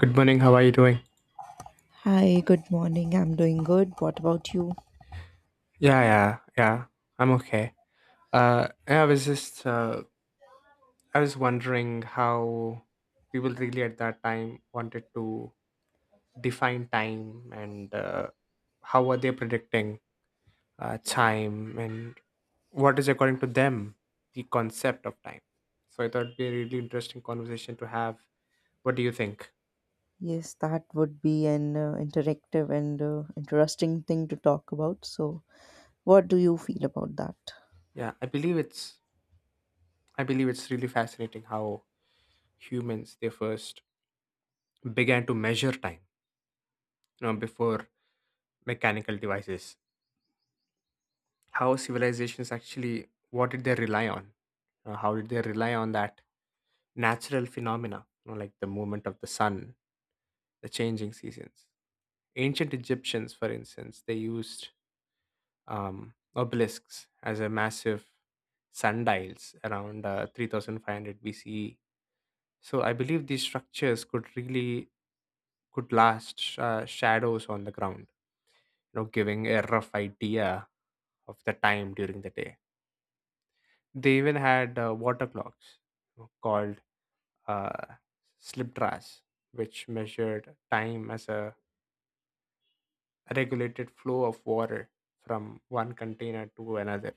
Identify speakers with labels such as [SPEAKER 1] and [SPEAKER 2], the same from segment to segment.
[SPEAKER 1] Good morning. How are you doing?
[SPEAKER 2] Hi, good morning. I'm doing good. What about you?
[SPEAKER 1] Yeah, yeah, yeah. I'm okay. Yeah, I was just, I was wondering how people really at that time wanted to define time, and how were they predicting time, and what is, according to them, the concept of time. So I thought it'd be a really interesting conversation to have. What do you think?
[SPEAKER 2] Yes, that would be an interactive and interesting thing to talk about. So, what do you feel about that?
[SPEAKER 1] Yeah, I believe it's really fascinating how humans, they first began to measure time, before mechanical devices. How civilizations actually, what did they rely on? How did they rely on that natural phenomena, you know, like the movement of the sun, the changing seasons. Ancient Egyptians, for instance, they used um, obelisks as a massive sundials around 3500 BCE. So I believe these structures could really, could last shadows on the ground, you know, giving a rough idea of the time during the day. They even had water clocks called uh, slip, which measured time as a regulated flow of water from one container to another.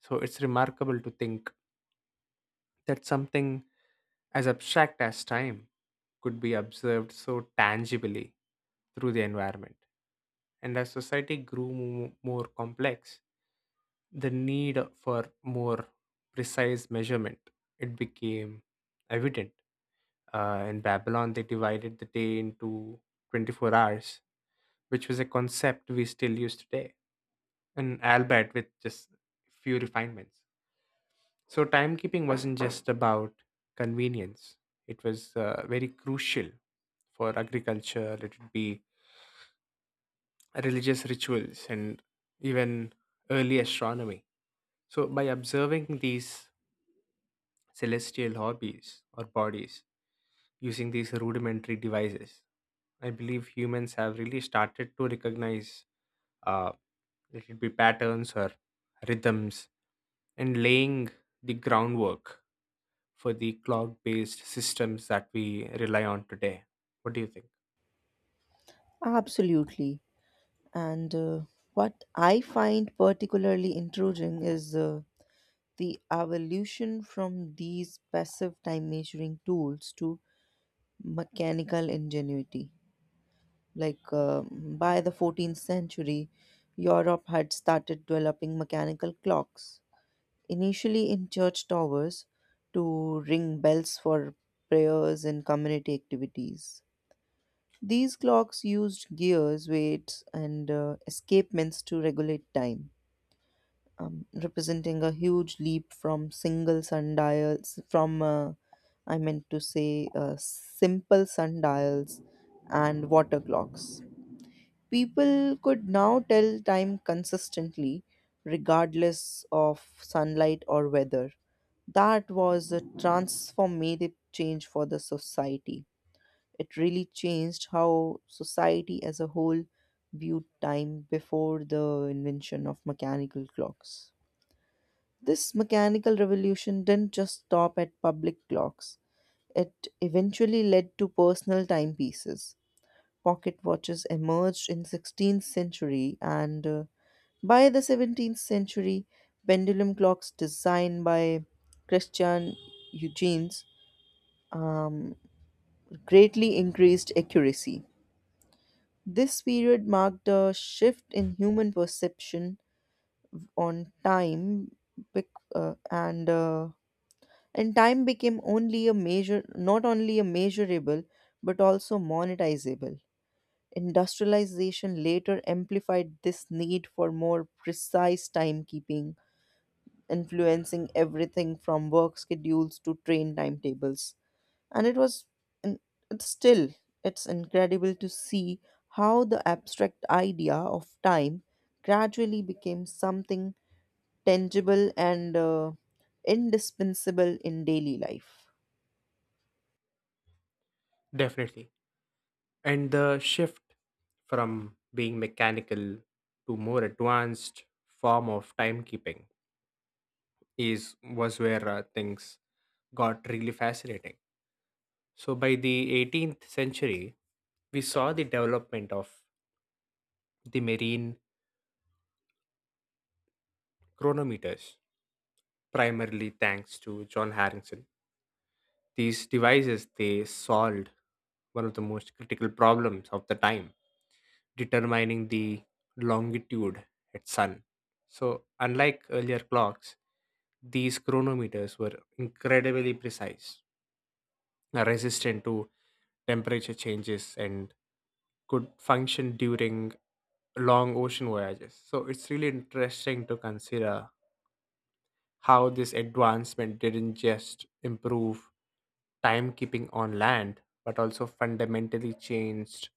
[SPEAKER 1] So it's remarkable to think that something as abstract as time could be observed so tangibly through the environment. And as society grew more complex, the need for more precise measurement, it became evident. In Babylon, they divided the day into 24 hours, which was a concept we still use today, and albeit with just few refinements. So, timekeeping wasn't just about convenience, it was very crucial for agriculture, let it be religious rituals, and even early astronomy. So, by observing these celestial hobbies or bodies using these rudimentary devices, I believe humans have really started to recognize, uh, let it be patterns or rhythms, and laying the groundwork for the cloud based systems that we rely on today. What do you think?
[SPEAKER 2] Absolutely. And what I find particularly intriguing is the evolution from these passive time measuring tools to mechanical ingenuity. Like um by the 14th century, Europe had started developing mechanical clocks initially in church towers to ring bells for prayers and community activities. These clocks used gears, weights, and escapements to regulate time, representing a huge leap from single sundials, from I meant to say simple sundials and water clocks. People could now tell time consistently, regardless of sunlight or weather. That was a transformative change for the society. It really changed how society as a whole viewed time before the invention of mechanical clocks. This mechanical revolution didn't just stop at public clocks, it eventually led to personal timepieces. Pocket watches emerged in 16th century, and by the 17th century pendulum clocks designed by Christian Huygens um, greatly increased accuracy. This period marked a shift in human perception on time, bec- uh, and uh, and time became not only a measurable, but also monetizable. Industrialization later amplified this need for more precise timekeeping, influencing everything from work schedules to train timetables. And it was and it's still it's incredible to see how the abstract idea of time gradually became something tangible and indispensable in daily life.
[SPEAKER 1] Definitely. And the shift from being mechanical to more advanced form of timekeeping is was where things got really fascinating. So by the 18th century, we saw the development of the marine chronometers primarily thanks to John Harrington. These devices, they solved one of the most critical problems of the time, determining the longitude at sun. So, unlike earlier clocks, these chronometers were incredibly precise, resistant to temperature changes, and could function during long ocean voyages. So it's really interesting to consider how this advancement didn't just improve timekeeping on land, but also fundamentally changed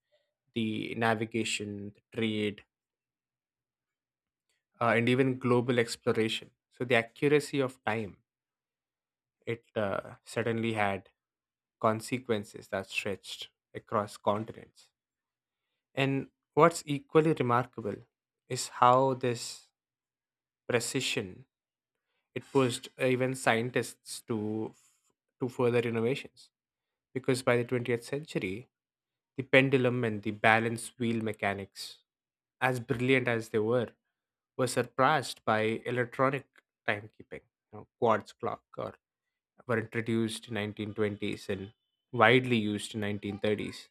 [SPEAKER 1] the navigation, the trade, and even global exploration. So the accuracy of time, it certainly had consequences that stretched across continents. And what's equally remarkable is how this precision, it pushed even scientists to further innovations, because by the 20th century, the pendulum and the balance wheel mechanics, as brilliant as they were surpassed by electronic timekeeping. You know, quartz clock or were introduced in 1920s and widely used in 1930s,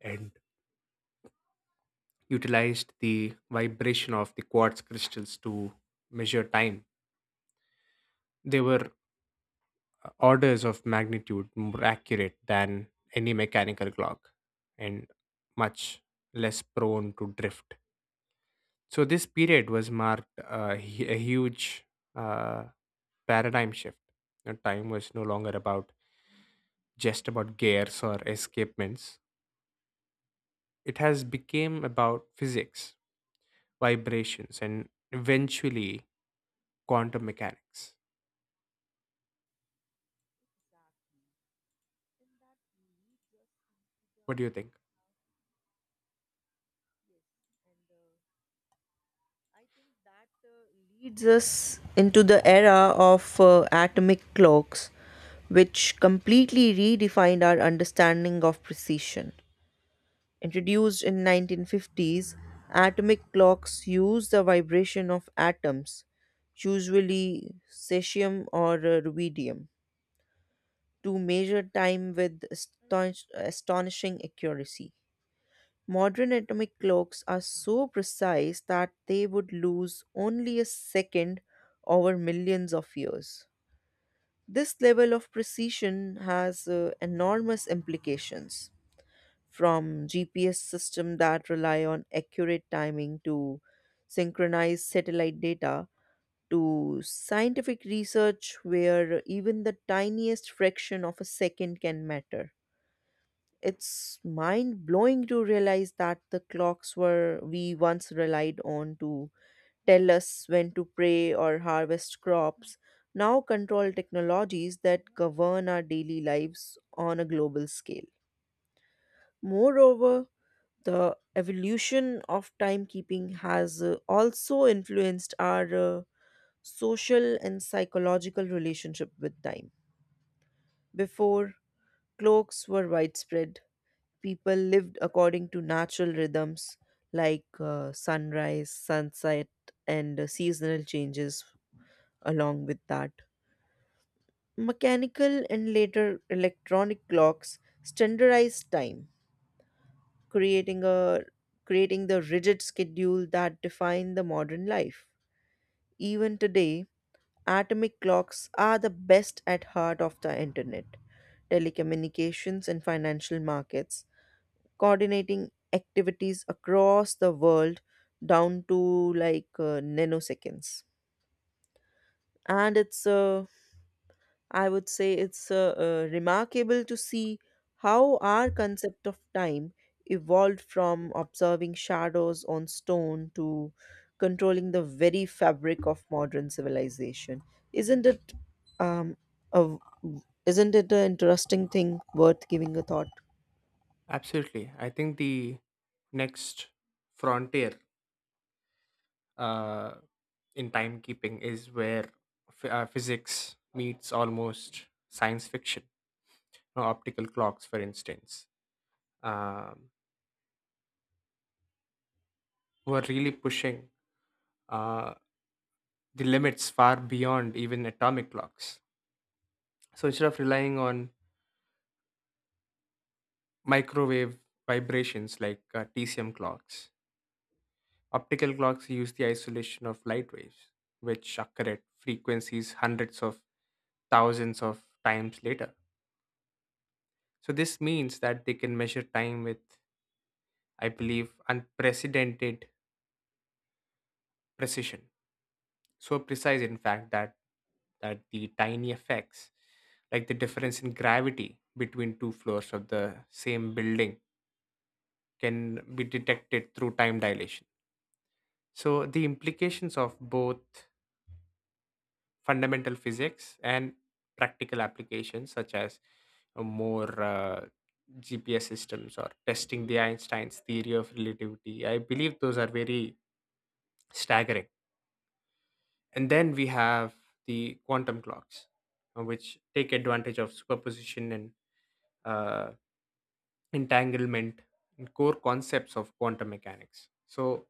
[SPEAKER 1] and utilized the vibration of the quartz crystals to measure time. They were orders of magnitude more accurate than any mechanical clock, and much less prone to drift. So this period was marked a huge uh, paradigm shift. You know, time was no longer about, just about, gears or escapements. It has become about physics, vibrations, and eventually quantum mechanics. What do you think?
[SPEAKER 2] And I think that leads us into the era of atomic clocks, which completely redefined our understanding of precision. Introduced in 1950s, atomic clocks use the vibration of atoms, usually cesium or rubidium, to measure time with astonishing accuracy. Modern atomic clocks are so precise that they would lose only a second over millions of years. This level of precision has enormous implications, from GPS system that rely on accurate timing to synchronize satellite data to scientific research where even the tiniest fraction of a second can matter. It's mind blowing to realize that the clocks were we once relied on to tell us when to pray or harvest crops now control technologies that govern our daily lives on a global scale. Moreover, the evolution of timekeeping has also influenced our social and psychological relationship with time. Before, clocks were widespread, people lived according to natural rhythms like sunrise, sunset, and seasonal changes along with that. Mechanical and later electronic clocks standardized time, creating a creating the rigid schedule that define the modern life. Even today, atomic clocks are the best at heart of the internet, telecommunications and financial markets, coordinating activities across the world down to nanoseconds. And it's a I would say it's remarkable to see how our concept of time evolved from observing shadows on stone to controlling the very fabric of modern civilization. Isn't it um, a, isn't it an interesting thing worth giving a thought?
[SPEAKER 1] Absolutely. I think the next frontier uh, in timekeeping is where physics meets almost science fiction. Optical clocks, for instance, um, who are really pushing uh, the limits far beyond even atomic clocks. So instead of relying on microwave vibrations like TCM clocks, optical clocks use the isolation of light waves, which occur at frequencies hundreds of thousands of times later. So this means that they can measure time with, I believe, unprecedented precision. So precise, in fact, that the tiny effects, like the difference in gravity between two floors of the same building, can be detected through time dilation. So the implications of both fundamental physics and practical applications, such as more GPS systems or testing the Einstein's theory of relativity, I believe those are very staggering. And then we have the quantum clocks, which take advantage of superposition and uh, entanglement and core concepts of quantum mechanics. So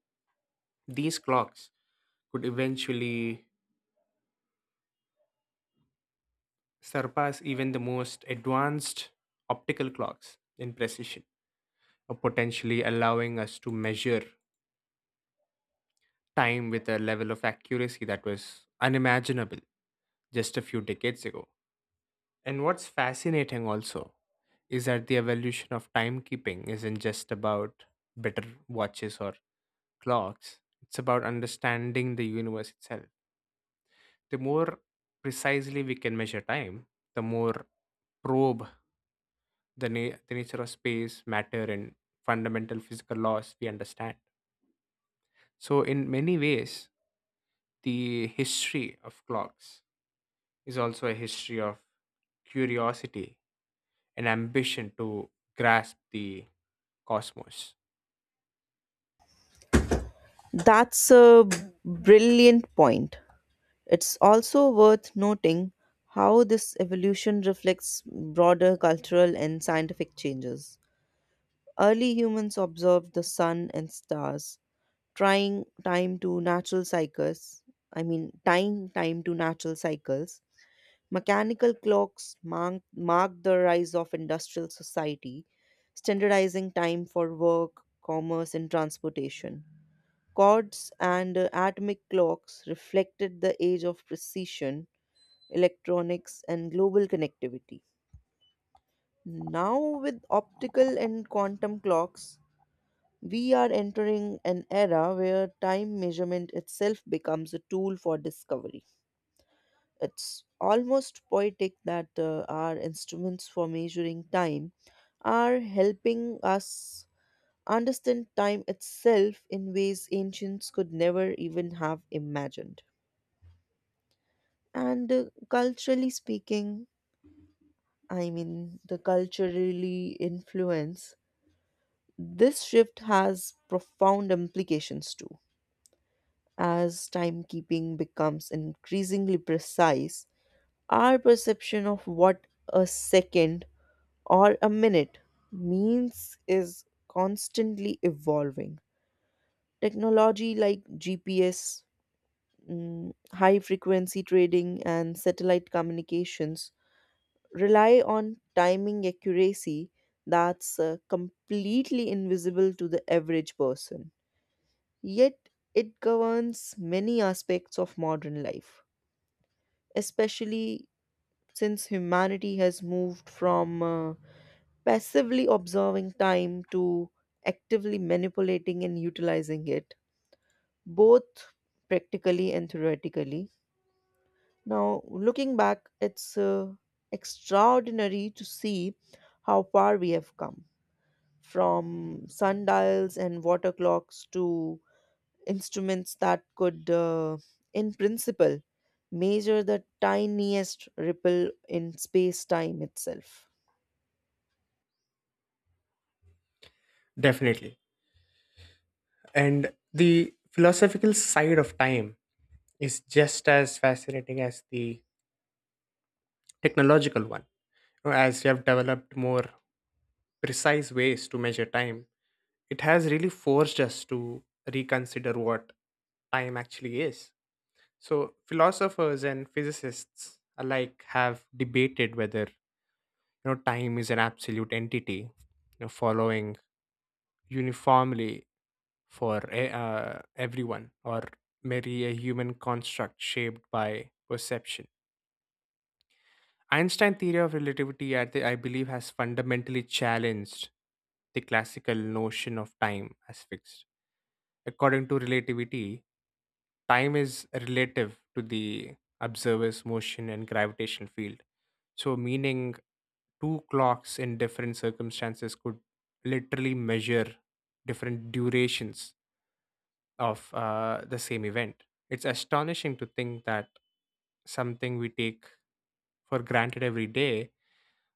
[SPEAKER 1] these clocks could eventually surpass even the most advanced optical clocks in precision, or potentially allowing us to measure time with a level of accuracy that was unimaginable just a few decades ago. And what's fascinating also is that the evolution of timekeeping isn't just about better watches or clocks, it's about understanding the universe itself. The more precisely we can measure time, the more probe the, the nature of space, matter, and fundamental physical laws we understand. So, in many ways, the history of clocks is also a history of curiosity, an ambition to grasp the cosmos.
[SPEAKER 2] That's a brilliant point. It's also worth noting how this evolution reflects broader cultural and scientific changes. Early humans observed the sun and stars, trying time to natural cycles. I mean, tying time to natural cycles. Mechanical clocks marked the rise of industrial society, standardizing time for work, commerce, and transportation. Cords and atomic clocks reflected the age of precision, electronics, and global connectivity. Now, with optical and quantum clocks, we are entering an era where time measurement itself becomes a tool for discovery. It's almost poetic that our instruments for measuring time are helping us understand time itself in ways ancients could never even have imagined. And culturally speaking, I mean, the culturally influence, this shift has profound implications too. As timekeeping becomes increasingly precise, our perception of what a second or a minute means is constantly evolving. Technology like GPS, mm, high frequency trading, and satellite communications rely on timing accuracy that's completely invisible to the average person. Yet, it governs many aspects of modern life, especially since humanity has moved from passively observing time to actively manipulating and utilizing it, both practically and theoretically. Now, looking back, it's extraordinary to see how far we have come from sundials and water clocks to instruments that could, in principle, measure the tiniest ripple in space time itself.
[SPEAKER 1] Definitely. And the philosophical side of time is just as fascinating as the technological one. You know, as we have developed more precise ways to measure time, it has really forced us to reconsider what time actually is. So, philosophers and physicists alike have debated whether, you know, time is an absolute entity, you know, following uniformly for everyone, or merely a human construct shaped by perception. Einstein's theory of relativity, I, I believe, has fundamentally challenged the classical notion of time as fixed. According to relativity, time is relative to the observer's motion and gravitational field. So, meaning two clocks in different circumstances could literally measure different durations of the same event. It's astonishing to think that something we take for granted every day,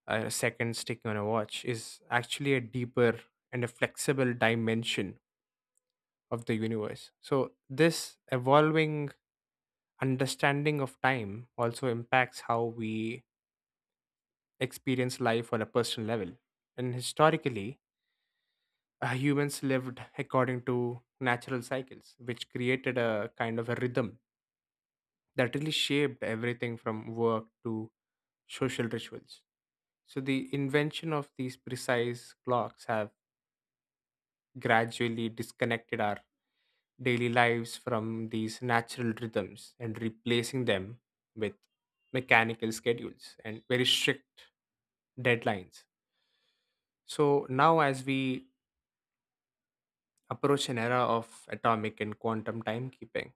[SPEAKER 1] a second sticking on a watch, is actually a deeper and a flexible dimension of the universe. So, this evolving understanding of time also impacts how we experience life on a personal level. And historically, humans lived according to natural cycles, which created a kind of a rhythm that really shaped everything from work to social rituals. So the invention of these precise clocks have gradually disconnected our daily lives from these natural rhythms, and replacing them with mechanical schedules and very strict deadlines. So now, as we approach an era of atomic and quantum timekeeping,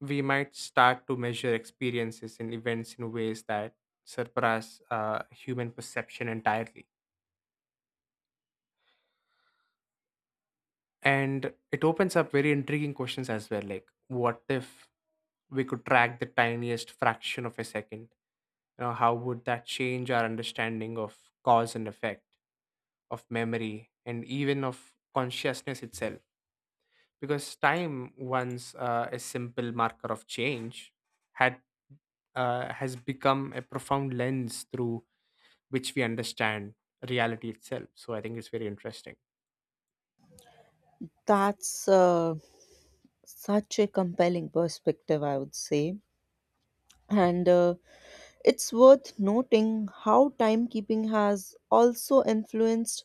[SPEAKER 1] we might start to measure experiences and events in ways that surpass human perception entirely. And it opens up very intriguing questions as well, like what if we could track the tiniest fraction of a second? You know, how would that change our understanding of cause and effect, of memory, and even of consciousness itself? Because time, once a simple marker of change, had has become a profound lens through which we understand reality itself. So I think it's very interesting.
[SPEAKER 2] That's such a compelling perspective, I would say. And it's worth noting how timekeeping has also influenced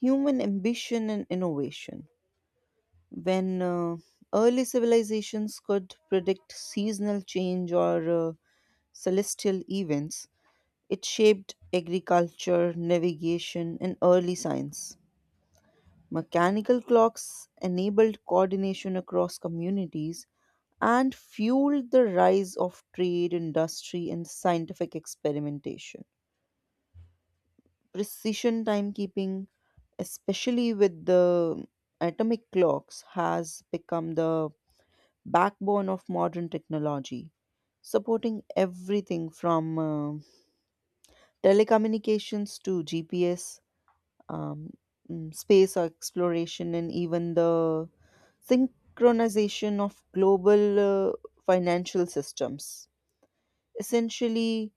[SPEAKER 2] human ambition and innovation. When early civilizations could predict seasonal change or celestial events, it shaped agriculture, navigation, and early science. Mechanical clocks enabled coordination across communities and fueled the rise of trade, industry, and scientific experimentation. Precision timekeeping, especially with the atomic clocks, has become the backbone of modern technology, supporting everything from telecommunications to GPS, um, space exploration, and even the synchronization of global uh, financial systems. Essentially,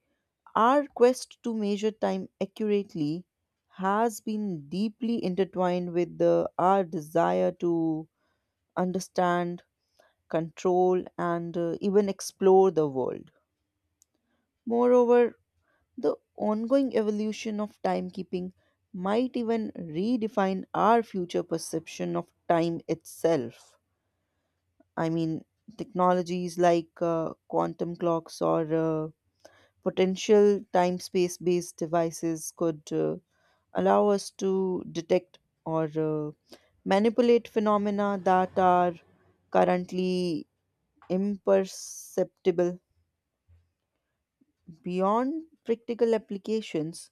[SPEAKER 2] our quest to measure time accurately has been deeply intertwined with our desire to understand, control, and even explore the world. Moreover, the ongoing evolution of timekeeping might even redefine our future perception of time itself. I mean, technologies like quantum clocks or potential time space based devices could allow us to detect or manipulate phenomena that are currently imperceptible beyond practical applications.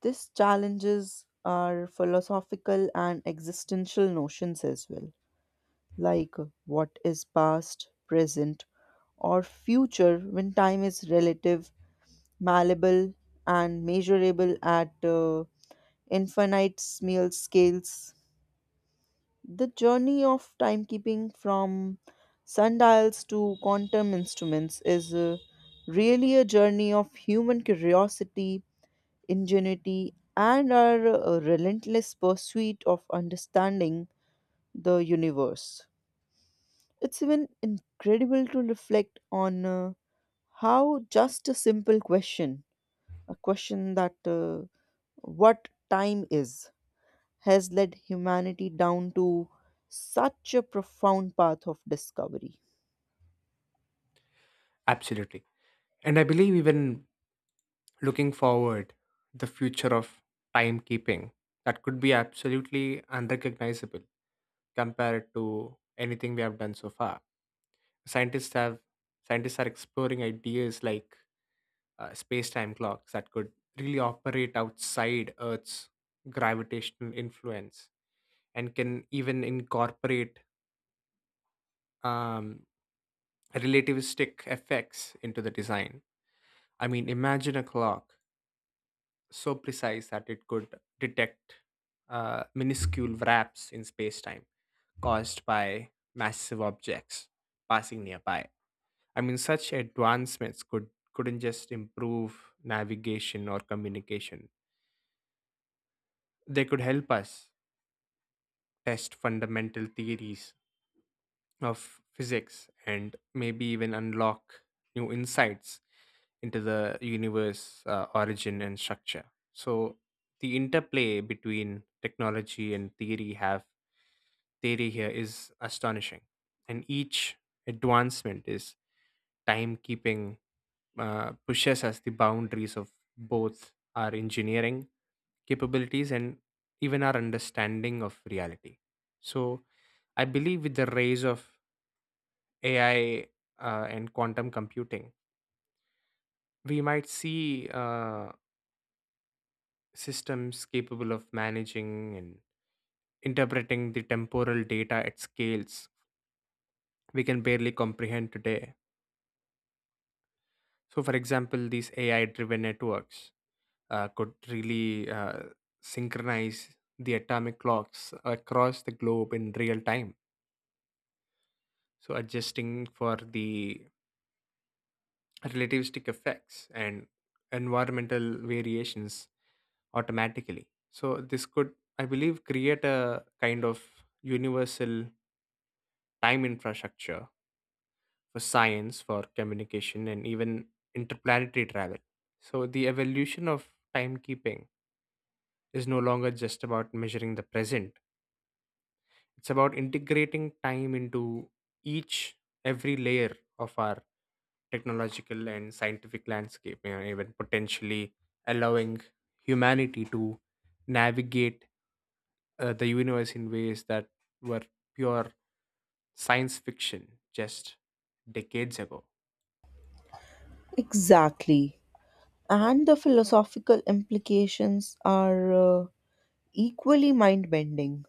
[SPEAKER 2] This challenges our philosophical and existential notions as well, like what is past, present, or future when time is relative, malleable, and measurable at infinite small scales. The journey of timekeeping from sundials to quantum instruments is really a journey of human curiosity, ingenuity, and our relentless pursuit of understanding the universe. It's even incredible to reflect on how just a simple question, a question that what time is, has led humanity down to such a profound path of discovery.
[SPEAKER 1] Absolutely. And I believe, even looking forward, the future of timekeeping, that could be absolutely unrecognizable compared to anything we have done so far. Scientists have Scientists are exploring ideas like space-time clocks that could really operate outside Earth's gravitational influence, and can even incorporate um, relativistic effects into the design. I mean, imagine a clock so precise that it could detect minuscule wraps in space time caused by massive objects passing nearby. I mean, such advancements could, couldn't just improve navigation or communication, they could help us test fundamental theories of physics and maybe even unlock new insights into the universe, origin and structure. So the interplay between technology and theory here is astonishing. And each advancement is timekeeping, pushes us the boundaries of both our engineering capabilities and even our understanding of reality. So I believe, with the rise of AI and quantum computing, we might see systems capable of managing and interpreting the temporal data at scales we can barely comprehend today. So, for example, these AI driven networks could really synchronize the atomic clocks across the globe in real time. So, adjusting for the relativistic effects and environmental variations automatically. So this could, I believe, create a kind of universal time infrastructure for science, for communication, and even interplanetary travel. So the evolution of timekeeping is no longer just about measuring the present, it's about integrating time into each every layer of our technological and scientific landscape. You know, even potentially allowing humanity to navigate the universe in ways that were pure science fiction just decades ago.
[SPEAKER 2] Exactly. And the philosophical implications are equally mind bending.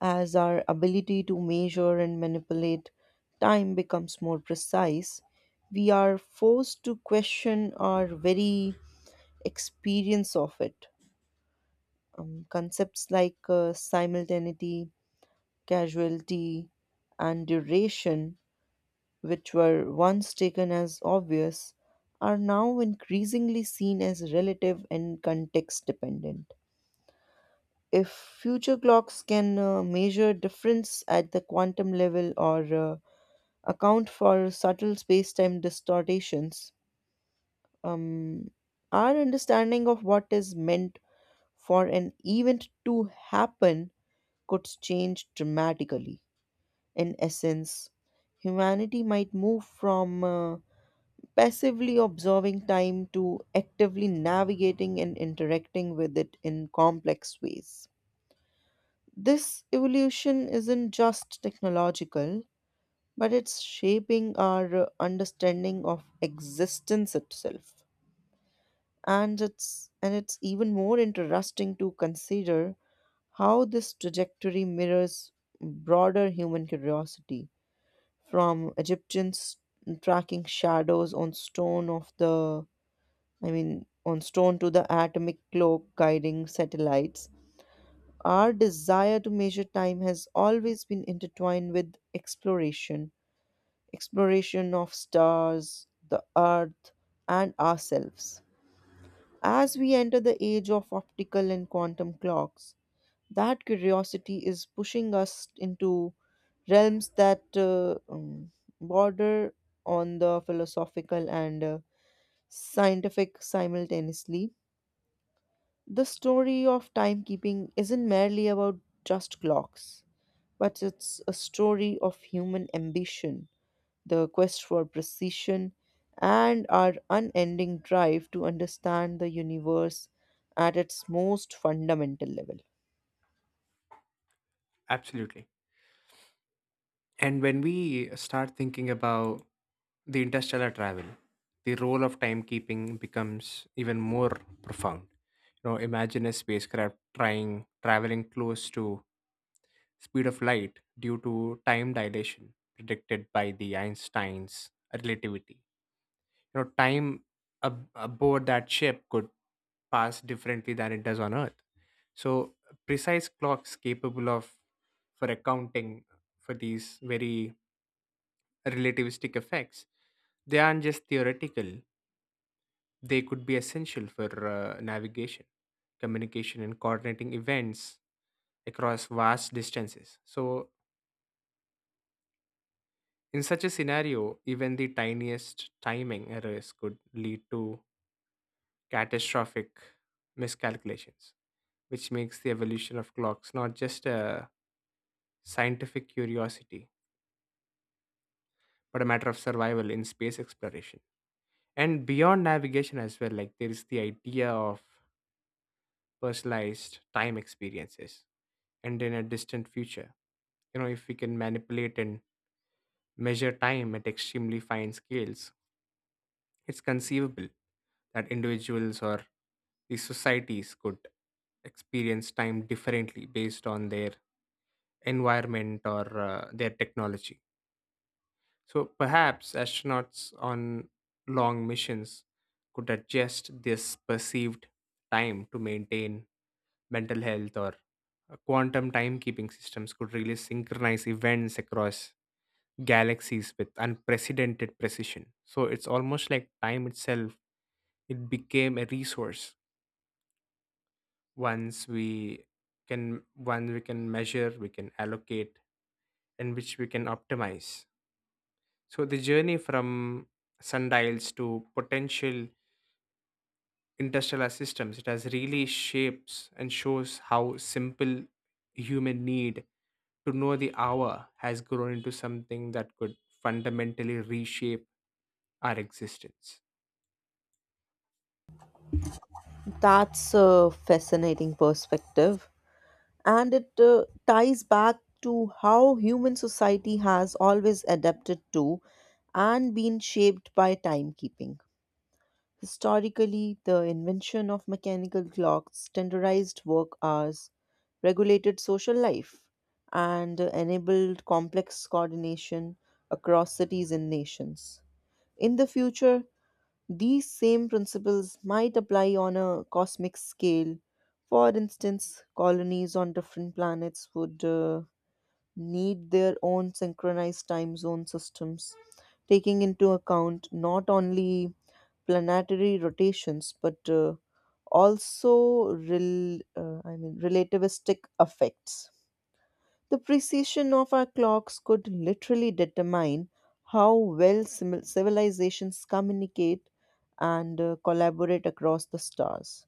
[SPEAKER 2] As our ability to measure and manipulate time becomes more precise, we are forced to question our very experience of it. Concepts like simultaneity, casualty, and duration, which were once taken as obvious, are now increasingly seen as relative and context dependent. If future clocks can measure difference at the quantum level or account for subtle space time distortions, Um, our understanding of what is meant for an event to happen could change dramatically. In essence, humanity might move from passively observing time to actively navigating and interacting with it in complex ways. This evolution isn't just technological, but it's shaping our understanding of existence itself. And it's even more interesting to consider how this trajectory mirrors broader human curiosity, from egyptians tracking shadows on stone of the I mean on stone to the atomic clock guiding satellites. Our desire to measure time has always been intertwined with exploration of stars, the earth, and ourselves. As we enter the age of optical and quantum clocks, that curiosity is pushing us into realms that border on the philosophical and scientific simultaneously. The story of timekeeping isn't merely about just clocks, but it's a story of human ambition, the quest for precision, and our unending drive to understand the universe at its most fundamental level.
[SPEAKER 1] Absolutely. And when we start thinking about the interstellar travel, the role of timekeeping becomes even more profound. You know, imagine a spacecraft trying traveling close to speed of light due to time dilation predicted by the Einstein's relativity. You know, time aboard that ship could pass differently than it does on Earth. So precise clocks capable of for accounting for these very relativistic effects, they aren't just theoretical, they could be essential for navigation, communication, and coordinating events across vast distances. So, in such a scenario, even the tiniest timing errors could lead to catastrophic miscalculations, which makes the evolution of clocks not just a scientific curiosity, but a matter of survival in space exploration. And beyond navigation as well, like there is the idea of personalized time experiences, and in a distant future, you know, if we can manipulate and measure time at extremely fine scales, it's conceivable that individuals or these societies could experience time differently based on their environment or their technology. So perhaps astronauts on long missions could adjust this perceived time to maintain mental health, or quantum timekeeping systems could really synchronize events across galaxies with unprecedented precision. So it's almost like time itself, it became a resource. once we Once we can measure, we can allocate, and which we can optimize. So the journey from sundials to potential interstellar systems, it has really shapes and shows how simple human need to know the hour has grown into something that could fundamentally reshape our existence.
[SPEAKER 2] That's a fascinating perspective, and it ties back to how human society has always adapted to and been shaped by timekeeping. Historically, the invention of mechanical clocks standardized work hours, regulated social life, and enabled complex coordination across cities and nations. In the future, these same principles might apply on a cosmic scale. For instance, colonies on different planets would need their own synchronized time zone systems, taking into account not only planetary rotations, but also relativistic effects. The precision of our clocks could literally determine how well civilizations communicate and collaborate across the stars.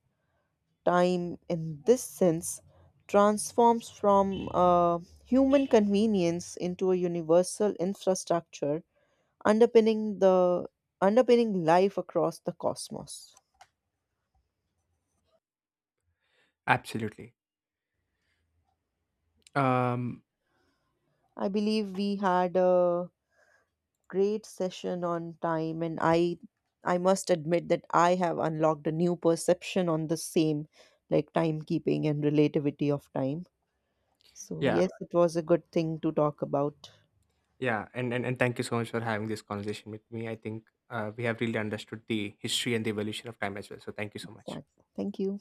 [SPEAKER 2] Time, in this sense, transforms from a human convenience into a universal infrastructure underpinning the underpinning life across the cosmos.
[SPEAKER 1] Absolutely. Um,
[SPEAKER 2] I believe we had a great session on time, and I must admit that I have unlocked a new perception on the same, like timekeeping and relativity of time. So
[SPEAKER 1] yeah,
[SPEAKER 2] yes, it was a good thing to talk about.
[SPEAKER 1] yeah. And thank you so much for having this conversation with me. I think we have really understood the history and the evolution of time as well. So thank you so much.
[SPEAKER 2] Thank Thank you.